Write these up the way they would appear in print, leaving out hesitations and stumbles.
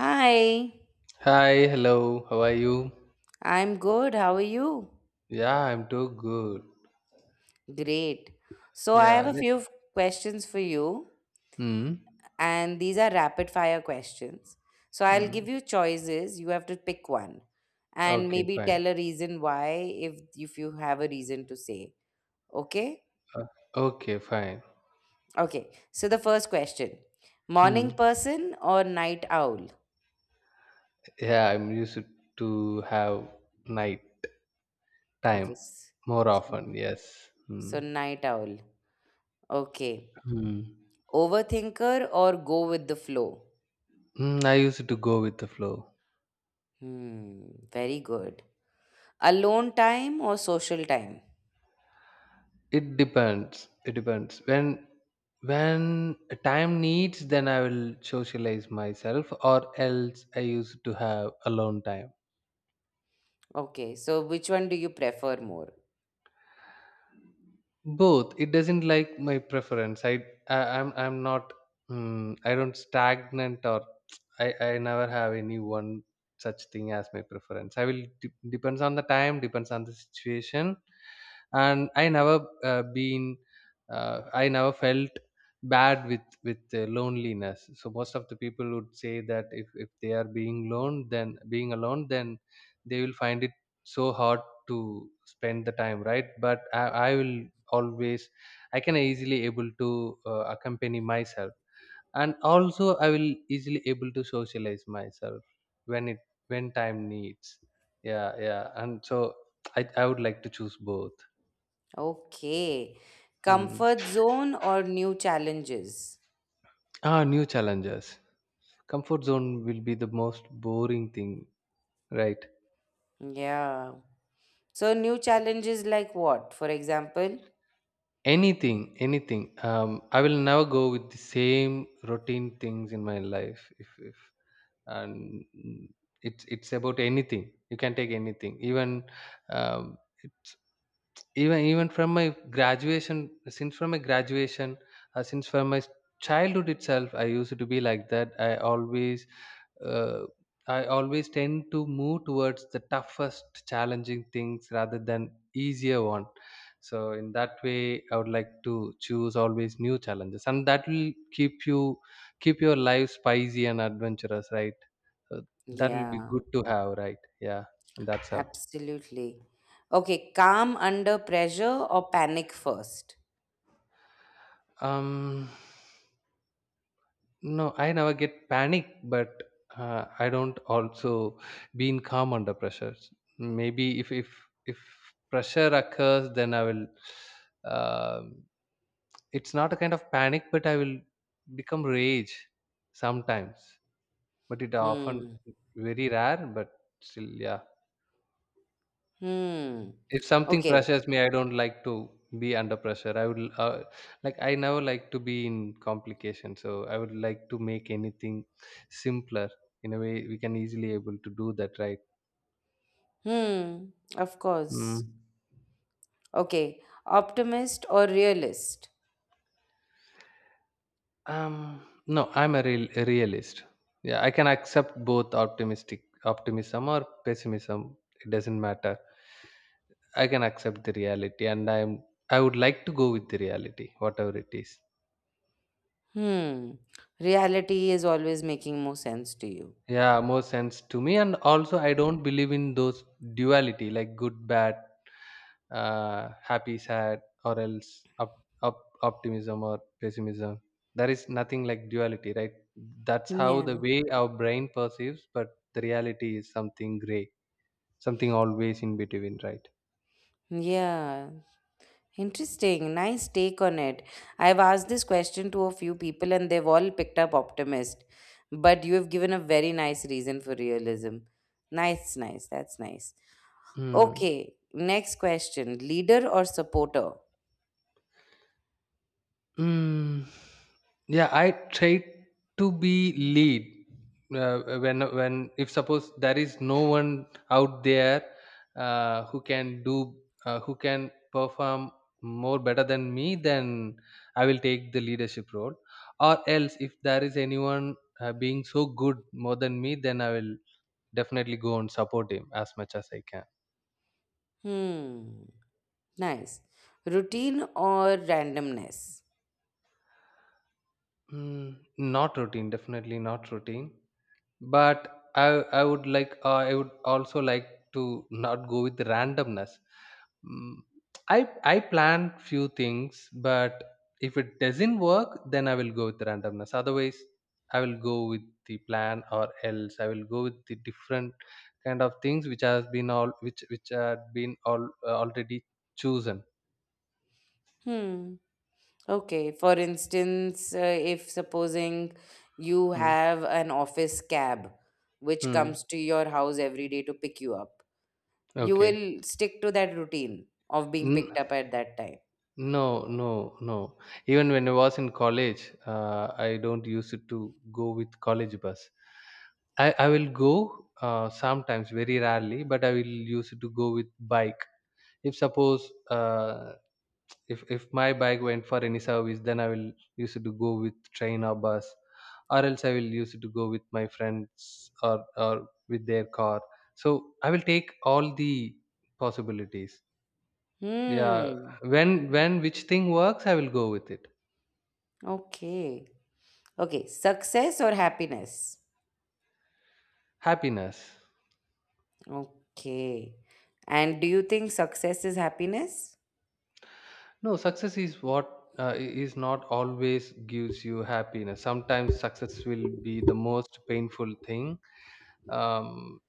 Hi, Hi, hello. How are you? I'm good. How are you? Yeah, I'm too good. Great. So, I have Yeah. a few questions for you, Hmm. and these are rapid fire questions. So, I'll Hmm. give you choices. You have to pick one and Okay, maybe fine. tell a reason why if you have a reason to say. Okay? Okay, fine. Okay. So, the first question. Morning Hmm. person or night owl? Yeah, I'm used to have night time Okay. More s- often. Yes. So, Hmm. night owl. Okay. Hmm. Overthinker or go with the flow? Hmm. I used to go with the flow. Hmm, very good. Alone time or social time? It depends. It depends. When time needs, then I will socialize myself, or else I used to have alone time. Okay, so which one do you prefer more? Both, it doesn't like my preference. I'm not, I don't stagnant, or I never have any one such thing as my preference. I will depends on the time, depends on the situation. And I never felt bad with loneliness. So most of the people would say that, if they are being alone, then being alone then they will find it so hard to spend the time, right? But I will always, I can easily able to accompany myself. And also I will easily able to socialize myself when it when time needs. Yeah, yeah. And so I would like to choose both. Okay. Mm. Comfort zone or new challenges? Ah, new challenges. Comfort zone will be the most boring thing, right? Yeah. So new challenges like what, for example? Anything, anything. I will never go with the same routine things in my life. If and mm, it's about anything. You can take anything. Even it's even even from my graduation. Since from my childhood itself, I used to be like that. I always, uh, tend to move towards the toughest, challenging things rather than easier one. So in that way, I would like to choose always new challenges, and that will keep your life spicy and adventurous, right? So that will be Yeah, good to have, right? Yeah, and that's how. absolutely. Okay, calm under pressure or panic first? Um, No, I never get panic, but I don't also being calm under pressure. Maybe if pressure occurs, then I will. um it's not a kind of panic, but I will become rage sometimes. But it often Hmm. very rare, but still, yeah. Hmm. If something Okay. pressures me, I don't like to be under pressure. I never like to be in complication. So I would like to make anything simpler. In a way, we can easily able to do that, right? Hmm. Of Mm. course. Okay. Optimist or realist? Um, no, I'm a realist. Yeah, I can accept both optimistic optimism or pessimism. It doesn't matter. I can accept the reality, and I would like to go with the reality, whatever it is. Hmm. Reality is always making more sense to you. Yeah, more sense to me, and also I don't believe in those duality, like good, bad, happy, sad, or else up, up optimism or pessimism. There is nothing like duality, right? That's how Yeah. the way our brain perceives, but the reality is something gray, something always in between, right? Yeah. Interesting. Nice take on it. I've asked this question to a few people and they've all picked up optimist. But you have given a very nice reason for realism. Nice, nice. That's nice. Hmm. Okay. Next question. Leader or supporter? Mm, yeah, I try to be lead, when if suppose there is no one out there, uh, who can do who can perform more better than me, then I will take the leadership role. Or else, if there is anyone being so good more than me, then I will definitely go and support him as much as I can. Hmm. Nice. Routine or randomness? Mm, not routine, definitely not routine. But I would also like to not go with the randomness. Mm, I plan few things, but if it doesn't work, then I will go with the randomness. Otherwise I will go with the plan, or else I will go with the different kind of things which had been all, already chosen. Hmm. Okay, for instance, if supposing you Hmm. have an office cab which Hmm. comes to your house every day to pick you up, you Okay. will stick to that routine of being picked N- up at that time. No, no, no. Even when I was in college, I don't use it to go with college bus. I will go sometimes, very rarely, but I will use it to go with bike. If suppose if my bike went for any service, then I will use it to go with train or bus, or else I will use it to go with my friends, or with their car. So I will take all the possibilities. Yeah, Hmm. When which thing works, I will go with it. Okay. Okay, success or happiness? Happiness. Okay. And do you think success is happiness? No, success is, is not always gives you happiness. Sometimes success will be the most painful thing, um,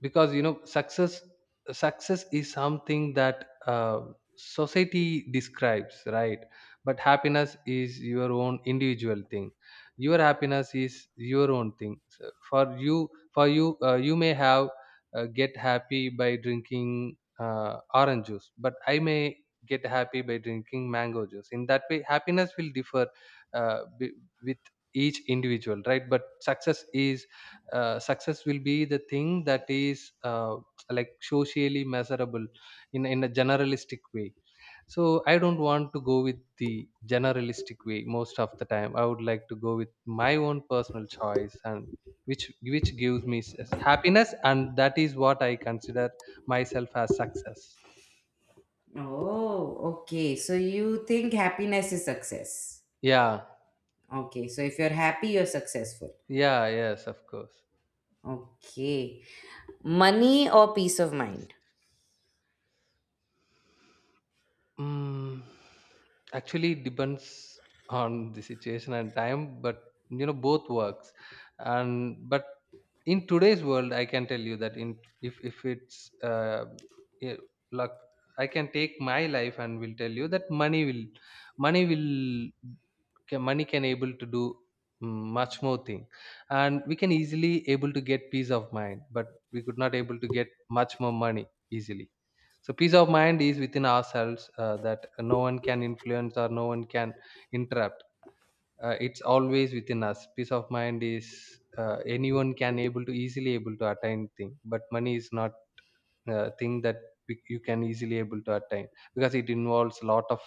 because success is something that, society describes, right? But happiness is your own individual thing. Your happiness is your own thing. So for you, you may have get happy by drinking orange juice, but I may get happy by drinking mango juice. In that way, happiness will differ, uh, b- with each individual, right. But success is success will be the thing that is, like, socially measurable in a generalistic way. So I don't want to go with the generalistic way. Most of the time, I would like to go with my own personal choice, and which gives me happiness, and that is what I consider myself as success. Oh, okay. So you think happiness is success? Yeah. Okay. So if you're happy, you're successful. Yeah, yes, of course. Okay. Money or peace of mind? Mm, Actually, depends on the situation and time, but both works. And but in today's world, I can tell you that, in if it's yeah, like I can take my life and will tell you that money will money can able to do, mm, much more thing, and we can easily able to get peace of mind, but we could not able to get much more money easily. So peace of mind is within ourselves, that no one can influence or no one can interrupt. It's always within us. Peace of mind is Anyone can able to easily able to attain thing, but money is not, thing that you can easily able to attain, because it involves a lot of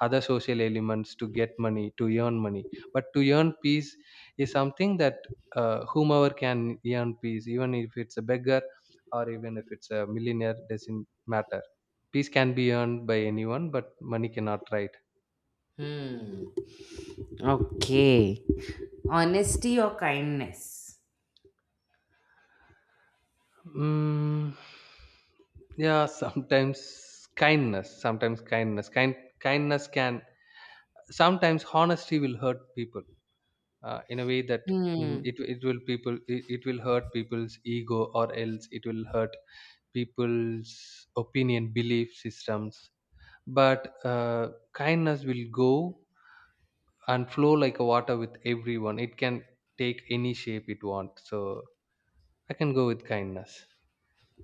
other social elements to get money, to earn money. But to earn peace is something that, whomever can earn peace. Even if it's a beggar, or even if it's a millionaire, doesn't matter. Peace can be earned by anyone, but money cannot, right? Hmm. Okay. Honesty or kindness? mm, yeah. Sometimes kindness kind kindness can Sometimes honesty will hurt people, in a way that, mm, Hmm. it it will people it, it will hurt people's ego, or else it will hurt people's opinion, belief systems. But, kindness will go and flow like a water with everyone. It can take any shape it wants. So I can go with kindness.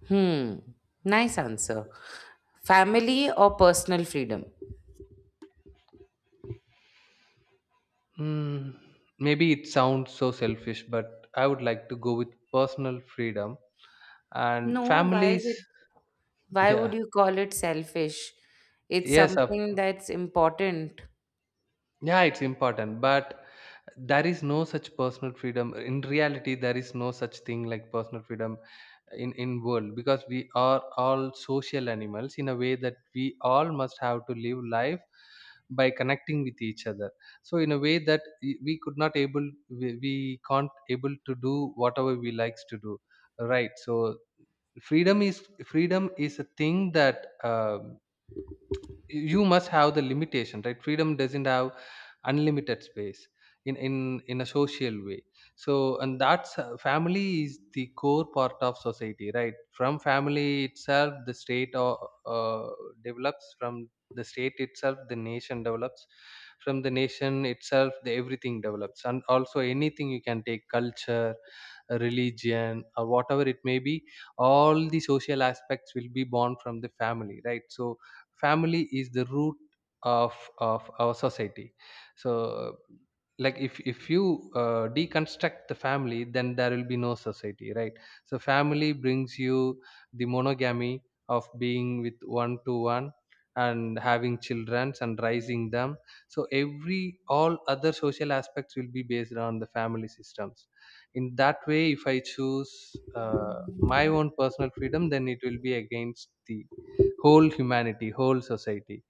Hmm. Nice answer. Family or personal freedom? mm, Maybe it sounds so selfish, but I would like to go with personal freedom. And No, families. Why Yeah. would you call it selfish? It's Yes. of something that's important. Yeah, it's important, but there is no such personal freedom in reality. There is no such thing like personal freedom in world, because we are all social animals, in a way that we all must have to live life by connecting with each other. So in a way that we can't able to do whatever we likes to do, right? So freedom is a thing that, you must have the limitation, right? Freedom doesn't have unlimited space in in in a social way. So, and that's family is the core part of society, right? From family itself the state, uh, develops. From the state itself the nation develops. From the nation itself the everything develops. And also anything you can take — culture, religion, or whatever it may be, all the social aspects will be born from the family, right? So family is the root of our society. So, like, if you deconstruct the family, then there will be no society, right? So family brings you the monogamy of being with one to one, and having children, and raising them. So every all other social aspects will be based on the family systems. In that way, if I choose my own personal freedom, then it will be against the whole humanity, whole society.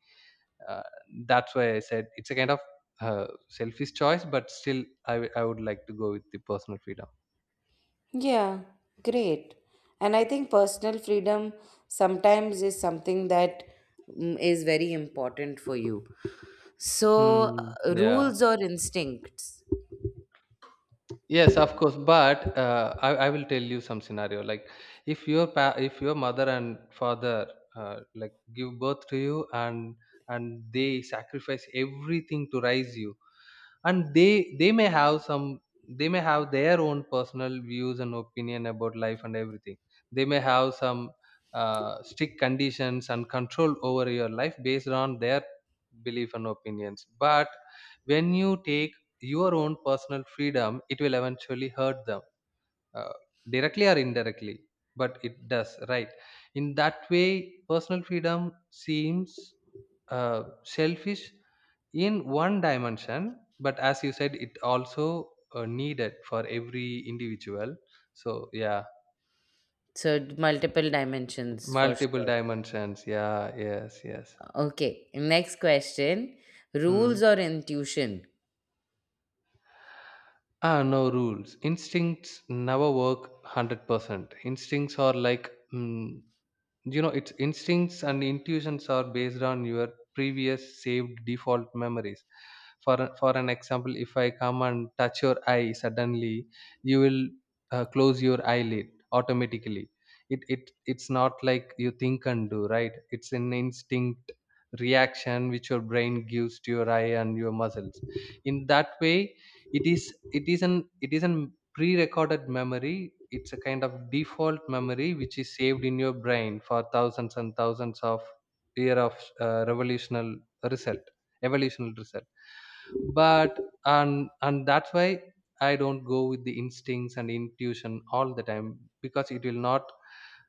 uh, that's why I said it's a kind of, selfish choice, but still, I would like to go with the personal freedom. Yeah, great. And I think personal freedom sometimes is something that is very important for you. So, Hmm. Yeah. rules or instincts? Yes, of course. But I will tell you some scenario. Like, if your if your mother and father, like, give birth to you, and they sacrifice everything to raise you, and they may have their own personal views and opinion about life and everything. They may have some strict conditions and control over your life based on their belief and opinions. But when you take your own personal freedom, it will eventually hurt them, uh, directly or indirectly, but it does, right? In that way, personal freedom seems, selfish in one dimension, but as you said, it also, needed for every individual. So yeah. So, multiple dimensions for Multiple sure. dimensions. Yeah, yes, yes. Okay, next question. Hmm. Rules or intuition? No rules, instincts never work 100%. Instincts are like its instincts, and intuitions are based on your previous saved default memories. For an example, if I come and touch your eye suddenly, you will close your eyelid automatically. It's not like you think and do, right? It's an instinct reaction which your brain gives to your eye and your muscles, in that way. It is an pre-recorded memory. It's a kind of default memory which is saved in your brain for thousands and thousands of year of revolutional result evolutional result. But and that's why I don't go with the instincts and intuition all the time, because it will not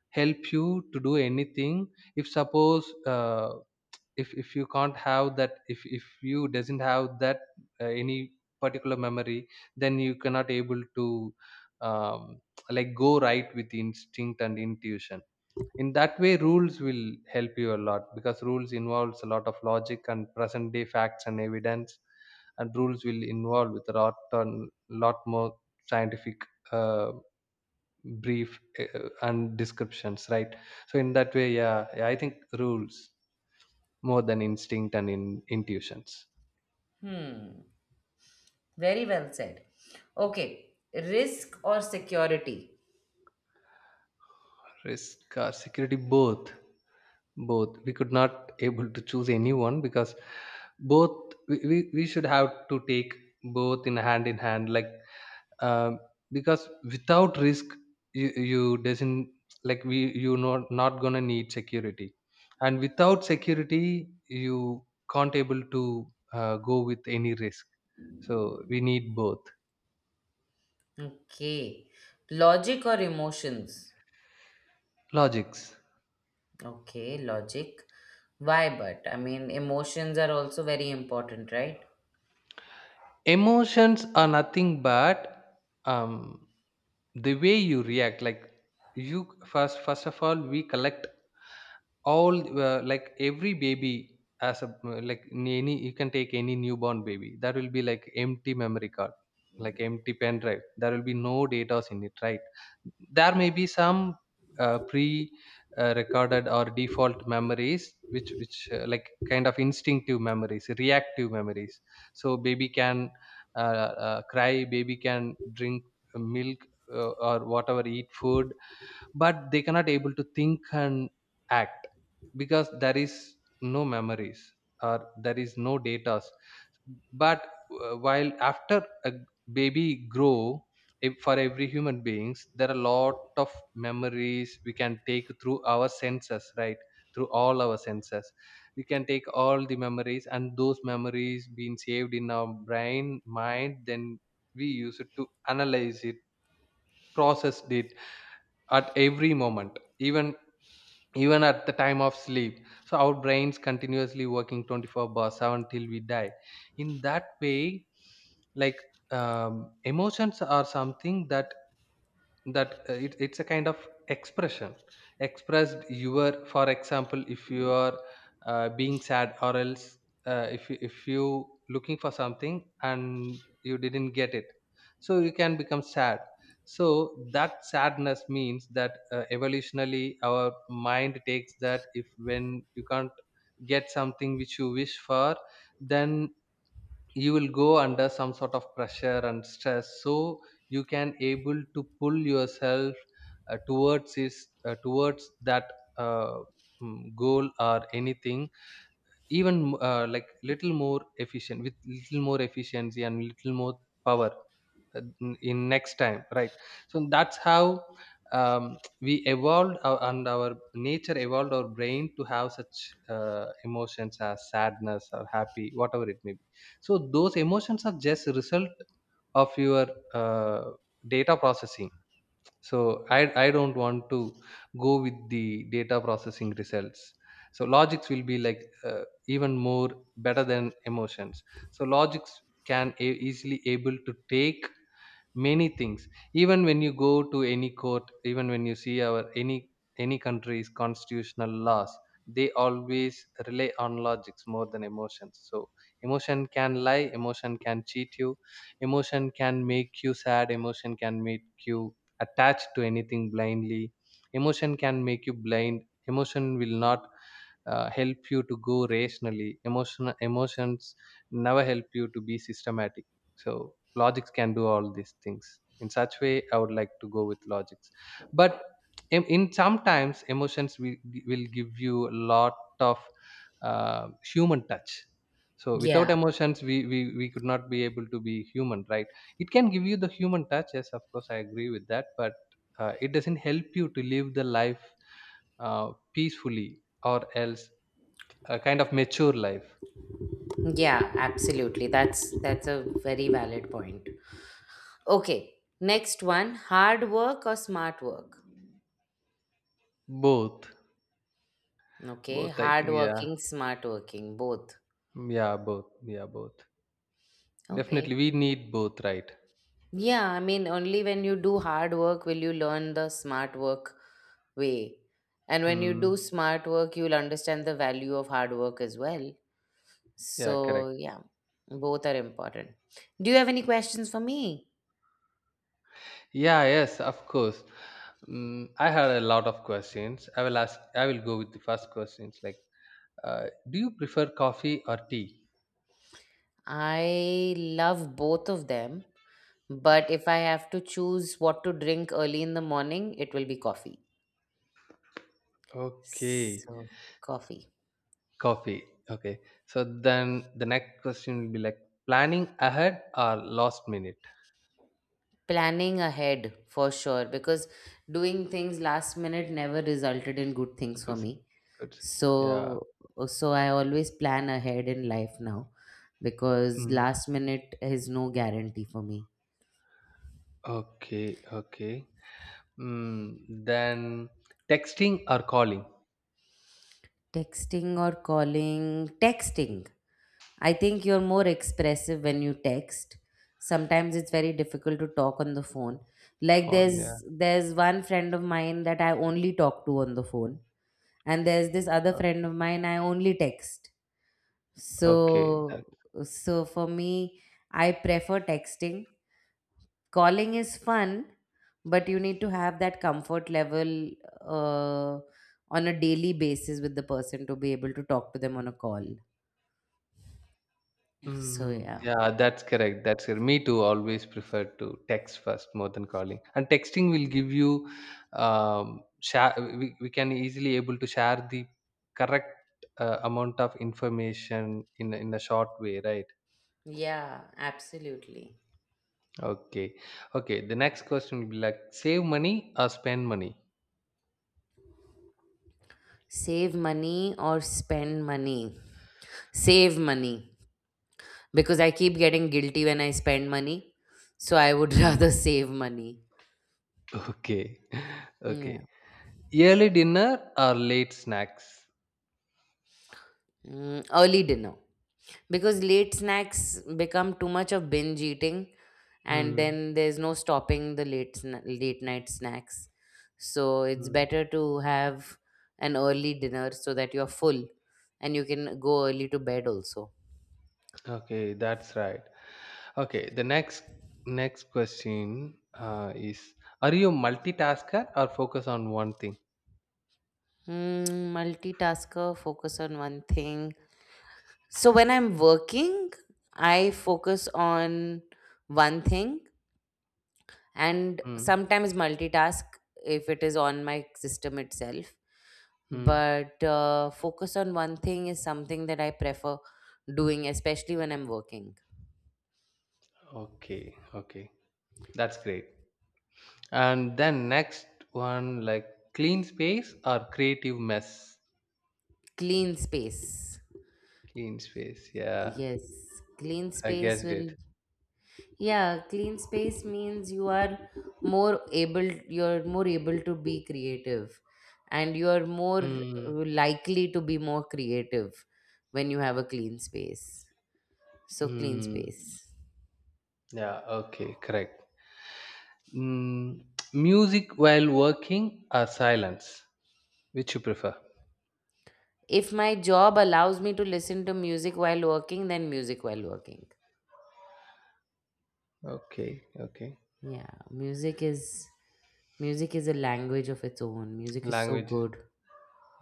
help you to do anything. If suppose, if you can't have that, if you doesn't have that, any particular memory, then you cannot able to, um, like, go right with instinct and intuition. In that way, rules will help you a lot, because rules involves a lot of logic and present day facts and evidence, and rules will involve with a lot on lot more scientific uh, brief and descriptions, right? So in that way, yeah, yeah, I think rules more than instinct and intuitions. Hmm, very well said. Okay, risk or security? Risk or security, both both we could not able to choose anyone, because both we should have to take both in hand in hand, like, um, because without risk you doesn't, like, we you not gonna need security, and without security you can't able to go with any risk, so we need both. Okay, logic or emotions? Logics. Okay, logic. Why but? I mean, emotions are also very important, right? Emotions are nothing but, um, the way you react, like, you first of all we collect all, like every baby as a, like, any you can take any newborn baby, that will be like empty memory card, like empty pen drive, there will be no data in it, right? There may be some pre recorded or default memories, which like kind of instinctive memories, reactive memories. So baby can uh, cry, baby can drink milk, or whatever, eat food, but they cannot able to think and act because there is no memories, or there is no data. But while after a baby grow, if for every human beings, there are a lot of memories we can take through our senses, right? Through all our senses, we can take all the memories, and those memories being saved in our brain mind, then we use it to analyze it, process it, at every moment, even at the time of sleep. So our brains continuously working 24 by 7 till we die, in that way, like, emotions are something that, it's a kind of expression, expressed your, for example, if you are being sad, or else if you looking for something and you didn't get it, so you can become sad. So that sadness means that evolutionally our mind takes that, if when you can't get something which you wish for, then you will go under some sort of pressure and stress, so you can able to pull yourself towards that uh, goal or anything, even like little more efficient with little more efficiency and little more power, in next time, right? So that's how, we evolved and our nature evolved our brain to have such emotions as sadness or happy, whatever it may be. So those emotions are just a result of your uh, data processing, so I don't want to go with the data processing results. So logics will be like, even more better than emotions. So logics can easily able to take many things, even when you go to any court, even when you see our any country's constitutional laws, they always rely on logics more than emotions. So emotion can lie, emotion can cheat you, emotion can make you sad, emotion can make you attached to anything blindly, emotion can make you blind, emotion will not help you to go rationally, emotions never help you to be systematic. So logics can do all these things, in such way I would like to go with logics. But in sometimes, emotions will give you a lot of human touch, so Yeah, without emotions, we could not be able to be human, right? It can give you the human touch, yes of course I agree with that, but it doesn't help you to live the life peacefully, or else a kind of mature life. yeah, absolutely. That's a very valid point. Okay, next one, hard work or smart work? Both. Okay, Both, I hard think. Yeah, working, smart working, both. yeah, both. Yeah, both. Definitely, Okay. we need both, right? Yeah, I mean, only when you do hard work will you learn the smart work way. And when you do Mm, smart work, you'll understand the value of hard work as well. yeah, correct. So, yeah, both are important. Do you have any questions for me? Yeah, yes, of course. Mm, I had a lot of questions. I will ask. I will go with the first questions. Like, do you prefer coffee or tea? I love both of them, but if I have to choose what to drink early in the morning, it will be coffee. Okay, So, coffee. coffee. Okay. So then the next question will be like planning ahead or last minute. Planning ahead for sure, because doing things last minute never resulted in good things for Listen. me. Good. Yeah. So, so I always plan ahead in life now because Mm, last minute is no guarantee for me. okay. Okay. Mm, then texting or calling. Texting or calling, texting. I think you're more expressive when you text. Sometimes it's very difficult to talk on the phone. Like, Phone. Yeah. there's one friend of mine that I only talk to on the phone, and there's this other o- friend of mine I only text. Okay. So so for me, I prefer texting. Calling is fun, but you need to have that comfort level uh, on a daily basis with the person to be able to talk to them on a call. So Mm, yeah. yeah, that's correct. That's correct. Me too. Always prefer to text first more than calling. And texting will give you, share. We can easily able to share the correct amount of information in a short way, right? Yeah, absolutely. Okay, okay. The next question will be like save money or spend money. Save money or spend money. Save money, because I keep getting guilty when I spend money. So I would Mm. rather save money. Okay, Hmm, yeah. okay. Early dinner or late snacks. Early dinner, because late snacks become too much of binge eating, and Mm, then there's no stopping the late late night snacks. So it's mm. better to have an early dinner so that you're full, and you can go early to bed also. Okay, that's right. Okay, the next question is: are you a multitasker or focus on one thing? Hmm. Multitasker, focus on one thing. So when I'm working, I focus on one thing and Hmm. sometimes multitask if it is on my system itself. Hmm. But focus on one thing is something that I prefer doing, especially when I'm working. Okay. Okay. That's great. And then next one, like clean space or creative mess. Clean space. Clean space. Yeah, Yes, clean I space guessed will, it. yeah, clean space means more able you're more able to be creative, and you're more Hmm. likely to be more creative when you have a clean space. So clean Hmm. space. Yeah. Okay. Correct. Hmm. Music while working or silence? Which you prefer? If my job allows me to listen to music while working, then music while working. Okay. Okay. Yeah, music is a language of its own. Music is so Language. good.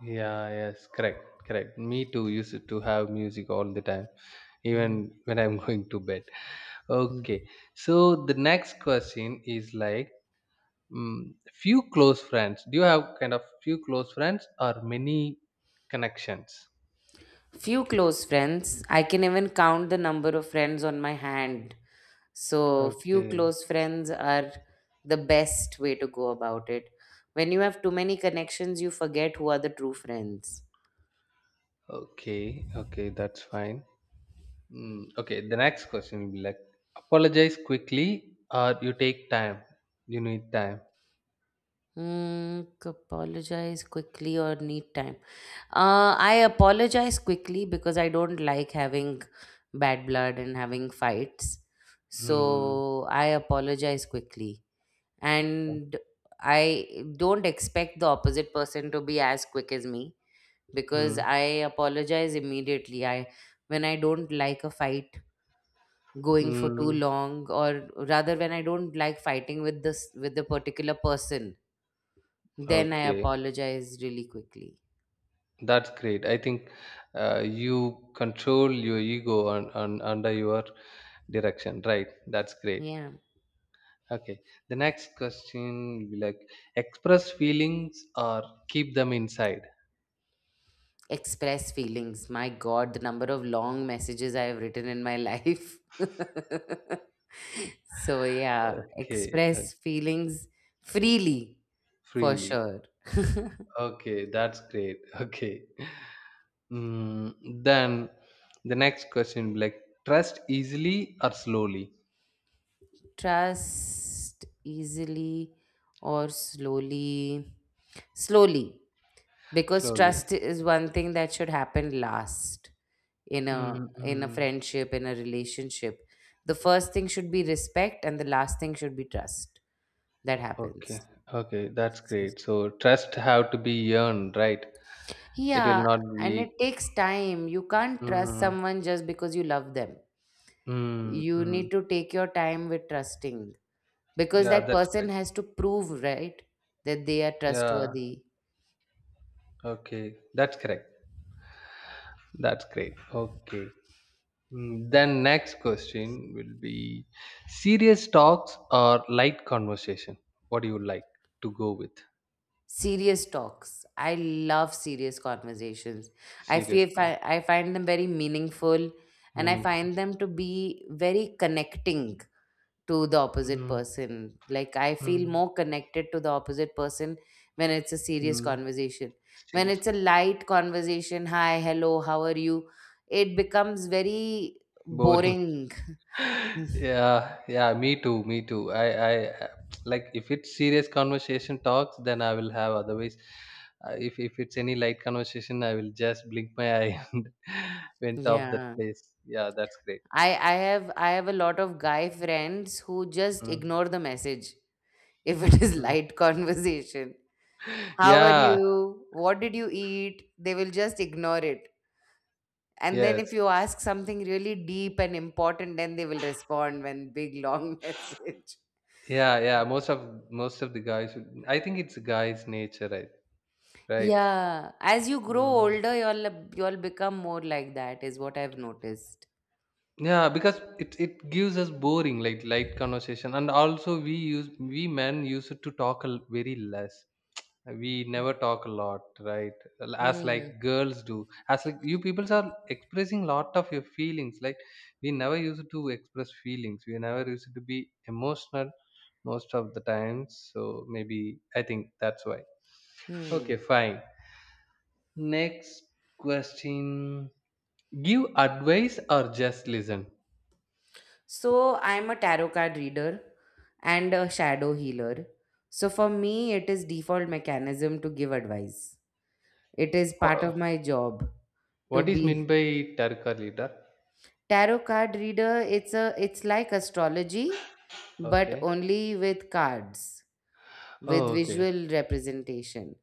Yeah, yes, correct, correct. Me too used to have music all the time, Mhm. even when I'm going to bed. Okay, so the next question is like, few close friends. Do you have kind of few close friends or many connections? Few close friends. I can even count the number of friends on my hand. So few Okay, close friends are the best way to go about it. When you have too many connections, you forget who are the true friends. okay, okay, that's fine. Mm, okay, the next question will be like, apologize quickly or you take time. You need time. Apologize quickly or need time. I apologize quickly because I don't like having bad blood and having fights. Hmm. So I apologize quickly. And I don't expect the opposite person to be as quick as me, because Hmm. I apologize immediately. I When I don't like a fight going for too Hmm. long, or rather when I don't like fighting with this with the particular person, then I Okay. apologize really quickly. That's great. I think you control your ego on under your direction, right? That's great. Yeah. Okay. The next question will be like express feelings or keep them inside. Express feelings. My God, the number of long messages I have written in my life. So, yeah, Okay, express feelings freely, for freely. sure. Okay, that's great. Okay. Mm, then the next question will be like trust easily or slowly? Trust easily or slowly. Slowly, because Slowly. trust is one thing that should happen last in a Mm-hmm. friendship, in a relationship. The first thing should be respect, and the last thing should be trust that happens. Okay. Okay, that's So- great. So trust have to be earned, right? It will yeah, not and be. it takes time. You can't trust Mm, someone just because you love them. mm, You mm. need to take your time with trusting, because Yeah, that that's person correct. has to prove, right, that they are Yeah, trustworthy. okay. That's correct. That's great. Okay. Mm, then next question will be serious talks or light conversation. What do you like to go with? Serious talks. I love serious conversations. Serious, conversation, I find them very meaningful, and I meaningful. find them to be very connecting to the opposite Mm, person. Like, I feel mm, more connected to the opposite person when it's a serious mm. conversation. When Serious. it's a light conversation, "Hi, hello, how are you?" it becomes very Boring. boring. Yeah, yeah, me too, me too, I like, if it's serious conversation talks then I will have, otherwise if it's any light conversation I will just blink my eye and went off that Yeah. place. Yeah, that's great. I have a lot of guy friends who just Mm, ignore the message if it is mm. light conversation. "How are Yeah, you? What did you eat?" They will just ignore it. And then if yes, you ask something really deep and important, then they will respond when big long message. yeah, yeah, most of the guys I think it's guys nature, right, right. Yeah, as you grow Mm. older, you'll become more like that, is what I've noticed. Yeah, because it gives us boring, like, light conversation, and also we men used to talk very less. We never talk a lot, right? As like Hmm. girls do, as like you peoples are expressing lot of your feelings, like we never used to express feelings, we never used to be emotional most of the times, so maybe I think that's why. Okay, Hmm. fine. Next question, give advice or just listen. So I'm a tarot card reader and a shadow healer. So for me, it is default mechanism to give advice. It is part of Wha- my job to what is meant be. by turk leader? Tarot card reader, it's like astrology, but Okay. only with cards, Oh, with okay. visual representation.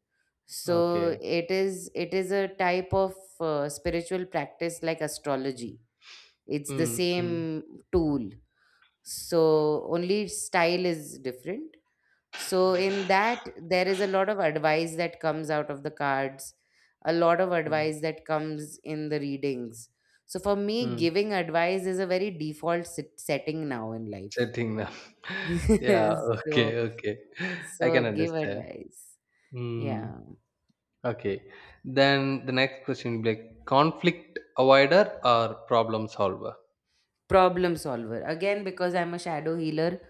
So Okay. it is a type of spiritual practice like astrology. It's the Mm, mm, same tool. So only style is different. So, in that, there is a lot of advice that comes out of the cards, a lot of mm, advice that comes in the readings. So, for me, mm. giving advice is a very default setting now in life. Setting them. Yeah, so, okay, okay. I can so give understand. advice. Hmm. Yeah. Okay. Then the next question will be like conflict avoider or problem solver? Problem solver. Again, because I'm a shadow healer,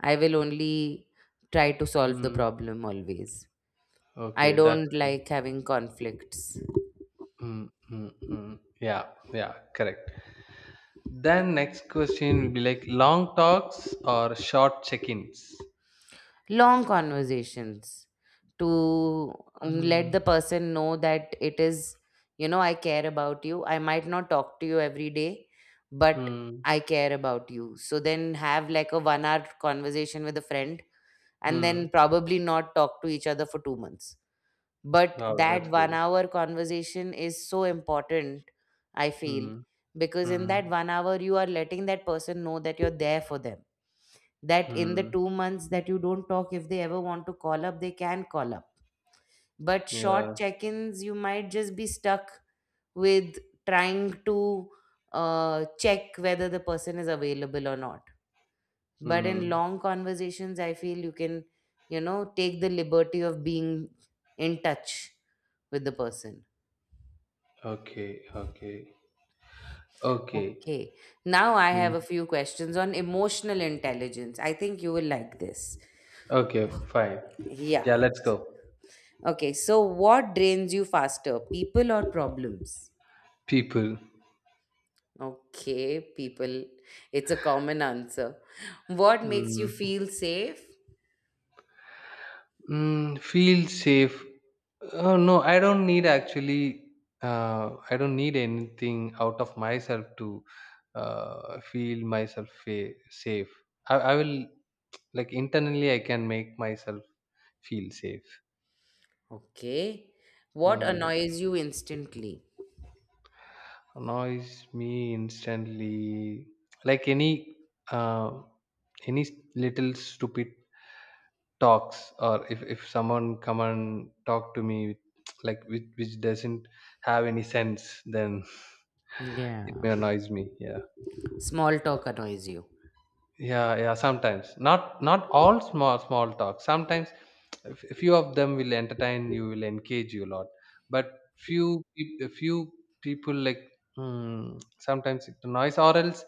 I will only try to solve the Hmm. problem always. I Okay, that's don't great. like having conflicts. Hmm. Hmm. Hmm. Yeah, yeah, correct. Then next question will be like long talks or short check-ins. Long conversations to let Hmm. the person know that it is you know I care about you. I might not talk to you every day, but Hmm. I care about you. So then have like a 1 hour conversation with a friend, and then Hmm. probably not talk to each other for 2 months. But Wow, that's that one great. hour conversation is so important, I feel, Hmm. because in that Hmm. 1 hour you are letting that person know that you're there for them, that in the Hmm. 2 months that you don't talk, if they ever want to call up, they can call up. But short Yeah. check ins, you might just be stuck with trying to check whether the person is available or not. But in Hmm. long conversations, I feel you can, you know, take the liberty of being in touch with the person. Okay, okay. Okay. Okay. Now I have Mm. a few questions on emotional intelligence. I think you will like this. Okay, fine. Yeah, Yeah. let's go. Okay, so what drains you faster, people or problems? People. Okay, people. It's a common answer. What makes you Mm. feel safe? Mm, feel safe. Oh no, I don't need actually, I don't need anything out of myself to feel myself safe. I will, like, internally I can make myself feel safe. Okay. What Mm. annoys you instantly? Annoys me instantly. Like uh, any little stupid talks, or if someone come and talk to me with, like, which doesn't have any sense, then Yeah. it may annoys me, yeah. Small talk annoys you. Yeah, yeah, sometimes. Not all small talk. Sometimes few of them will entertain you, will engage you a lot. But few people like, sometimes it's noise or else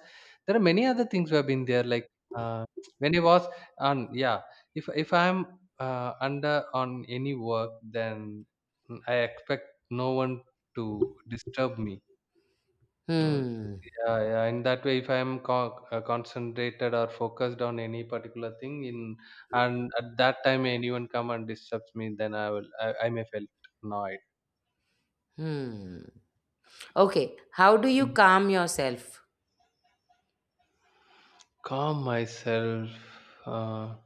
there are many other things who have been there. Like uh, when I was on yeah, if I'm under on any work, then I expect no one to disturb me. Mm. Hmm. Yeah, yeah. In that way, if I am concentrated or focused on any particular thing, in and at that time anyone come and disturbs me, then I may feel annoyed. Hmm. Okay. How do you Mm. calm yourself? Calm myself. Uh,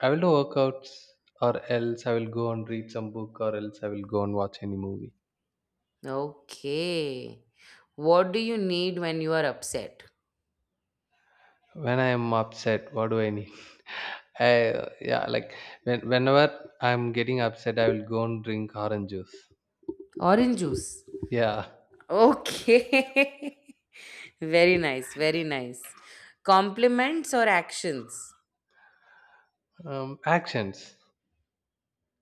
I will do workouts, or else I will go and read some book, or else I will go and watch any movie. Okay. What do you need when you are upset? When I am upset, what do I need? Yeah, like whenever I'm getting upset, I will go and drink orange juice. Orange juice. Yeah. Okay. Very nice, very nice. Compliments or actions? Actions.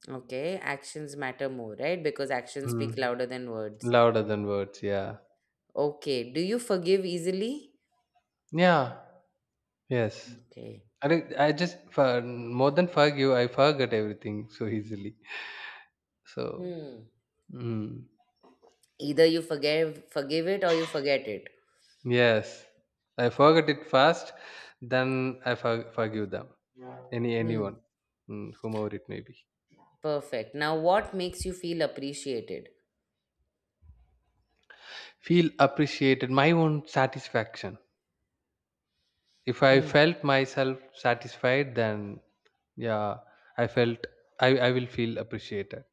Okay, actions matter more, right? Because actions speak Mm. louder than words. Louder than words, yeah. Okay, do you forgive easily? Yeah. Yes. Okay. I think I just for more than forgive, I forget everything so easily. So, Hmm. mm, Either you forgive it or you forget it. yes. I forget it first, then I forgive them. Hmm. Anyone, whomever it may be. Perfect. Now, what makes you feel appreciated? Feel appreciated, my own satisfaction. If I Hmm. felt myself satisfied, then yeah, I felt I will feel appreciated,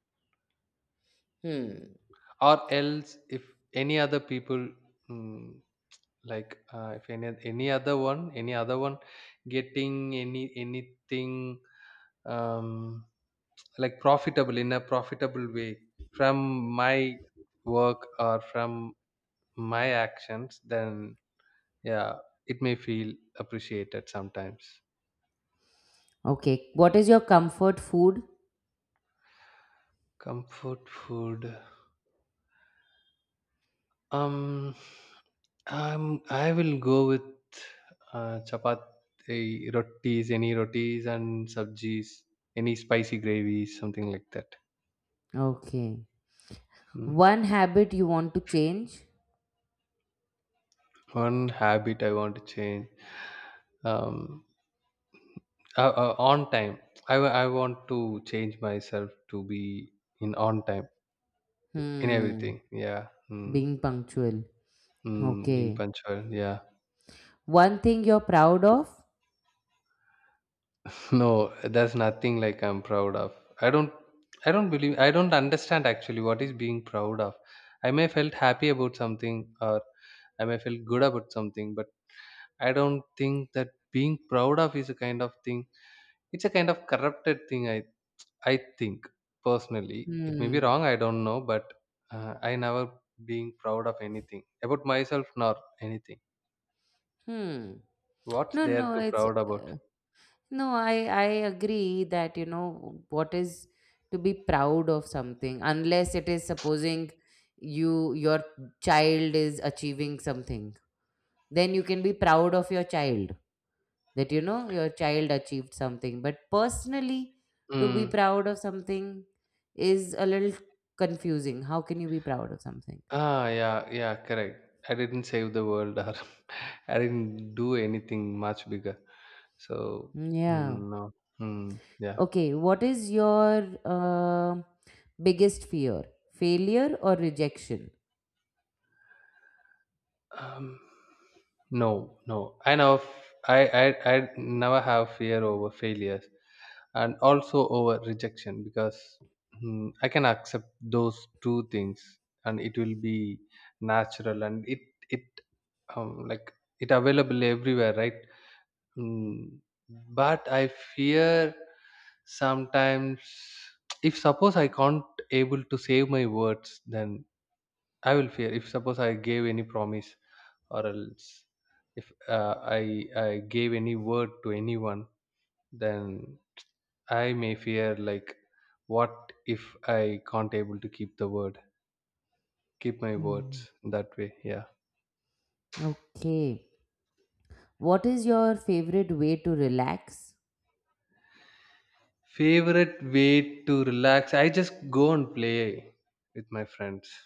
Hmm. or else if any other people, mm, like if any other one getting anything, um, like profitable in a profitable way from my work or from my actions, then yeah, it may feel appreciated sometimes. Okay. What is your comfort food? Comfort food. Um, I will go with chapati, rotis, any rotis and sabjis, any spicy gravy, something like that. Okay. Mm. One habit you want to change? One habit I want to change. Um, on time. I want to change myself to be in on time in Hmm. everything. Yeah. Mm. Being punctual. Mm, being Okay. punctual. Yeah. One thing you're proud of? No, that's nothing like I'm proud of. I don't I don't understand actually what is being proud of. I may felt happy about something or I may feel good about something, but I don't think that being proud of is a kind of thing. It's a kind of corrupted thing. I think personally, it may be Hmm. wrong. I don't know, but I never being proud of anything about myself nor anything. Hmm. What's No, there no, to it's proud about? No, I agree that, you know, what is to be proud of something, unless it is, supposing your child is achieving something. Then you can be proud of your child, that, you know, your child achieved something. But personally, to be Mm. proud of something is a little confusing. How can you be proud of something? Ah, yeah, yeah, correct. I didn't save the world, or I didn't do anything much bigger. So, Hmm, yeah. mm, no, yeah. Okay, what is your biggest fear? Failure or rejection? Um, no, no. I know. I, I never have fear over failures, and also over rejection because, I can accept those two things, and it will be natural, and it like it available everywhere, right? Mm, but I fear sometimes. If suppose I can't able to save my words, then I will fear. If suppose I gave any promise, or else if I gave any word to anyone, then I may fear like, what if I can't able to keep the word, keep my words Hmm. that way. Yeah. Okay. What is your favorite way to relax? Favorite way to relax, I just go and play with my friends.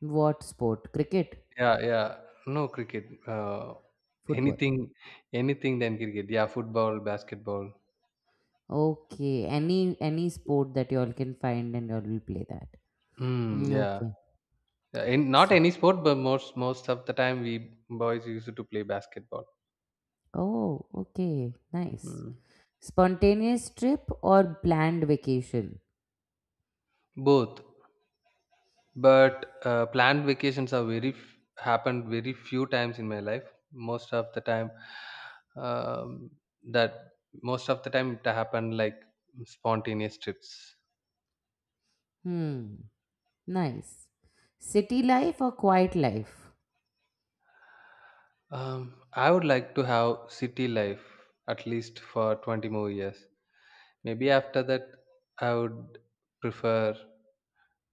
What sport? Cricket? Yeah, yeah. No cricket. Football? Anything, than cricket. Yeah, football, basketball. Okay. Any sport that y'all can find, and y'all will play that. Mm, Hmm, yeah. okay. Yeah, not S- any sport, but most of the time we boys used to play basketball. Oh, okay. Nice. Mm. Spontaneous trip or planned vacation? Both, but planned vacations are happened very few times in my life. Most of the time, um, that most of the time it happened like spontaneous trips. Hmm. Nice. City life or quiet life? I would like to have city life at least for 20 more years. Maybe after that, I would prefer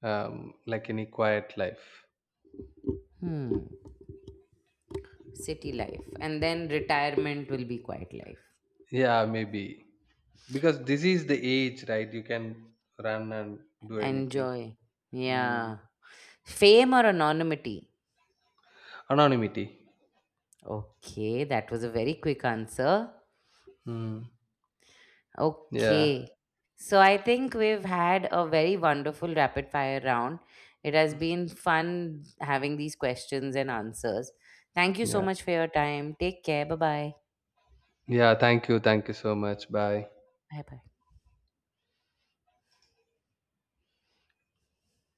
like any quiet life. Hmm. City life. And then retirement will be quiet life. Yeah, maybe. Because this is the age, right? You can run and do anything. Enjoy. Mm. Yeah. Fame or anonymity? Anonymity. Okay, that was a very quick answer. Mm. Yeah. Okay. So I think we've had a very wonderful rapid fire round. It has been fun having these questions and answers. Thank you so Yeah. much for your time. Take care. Bye bye. Yeah. Thank you. Thank you so much. Bye. Bye bye.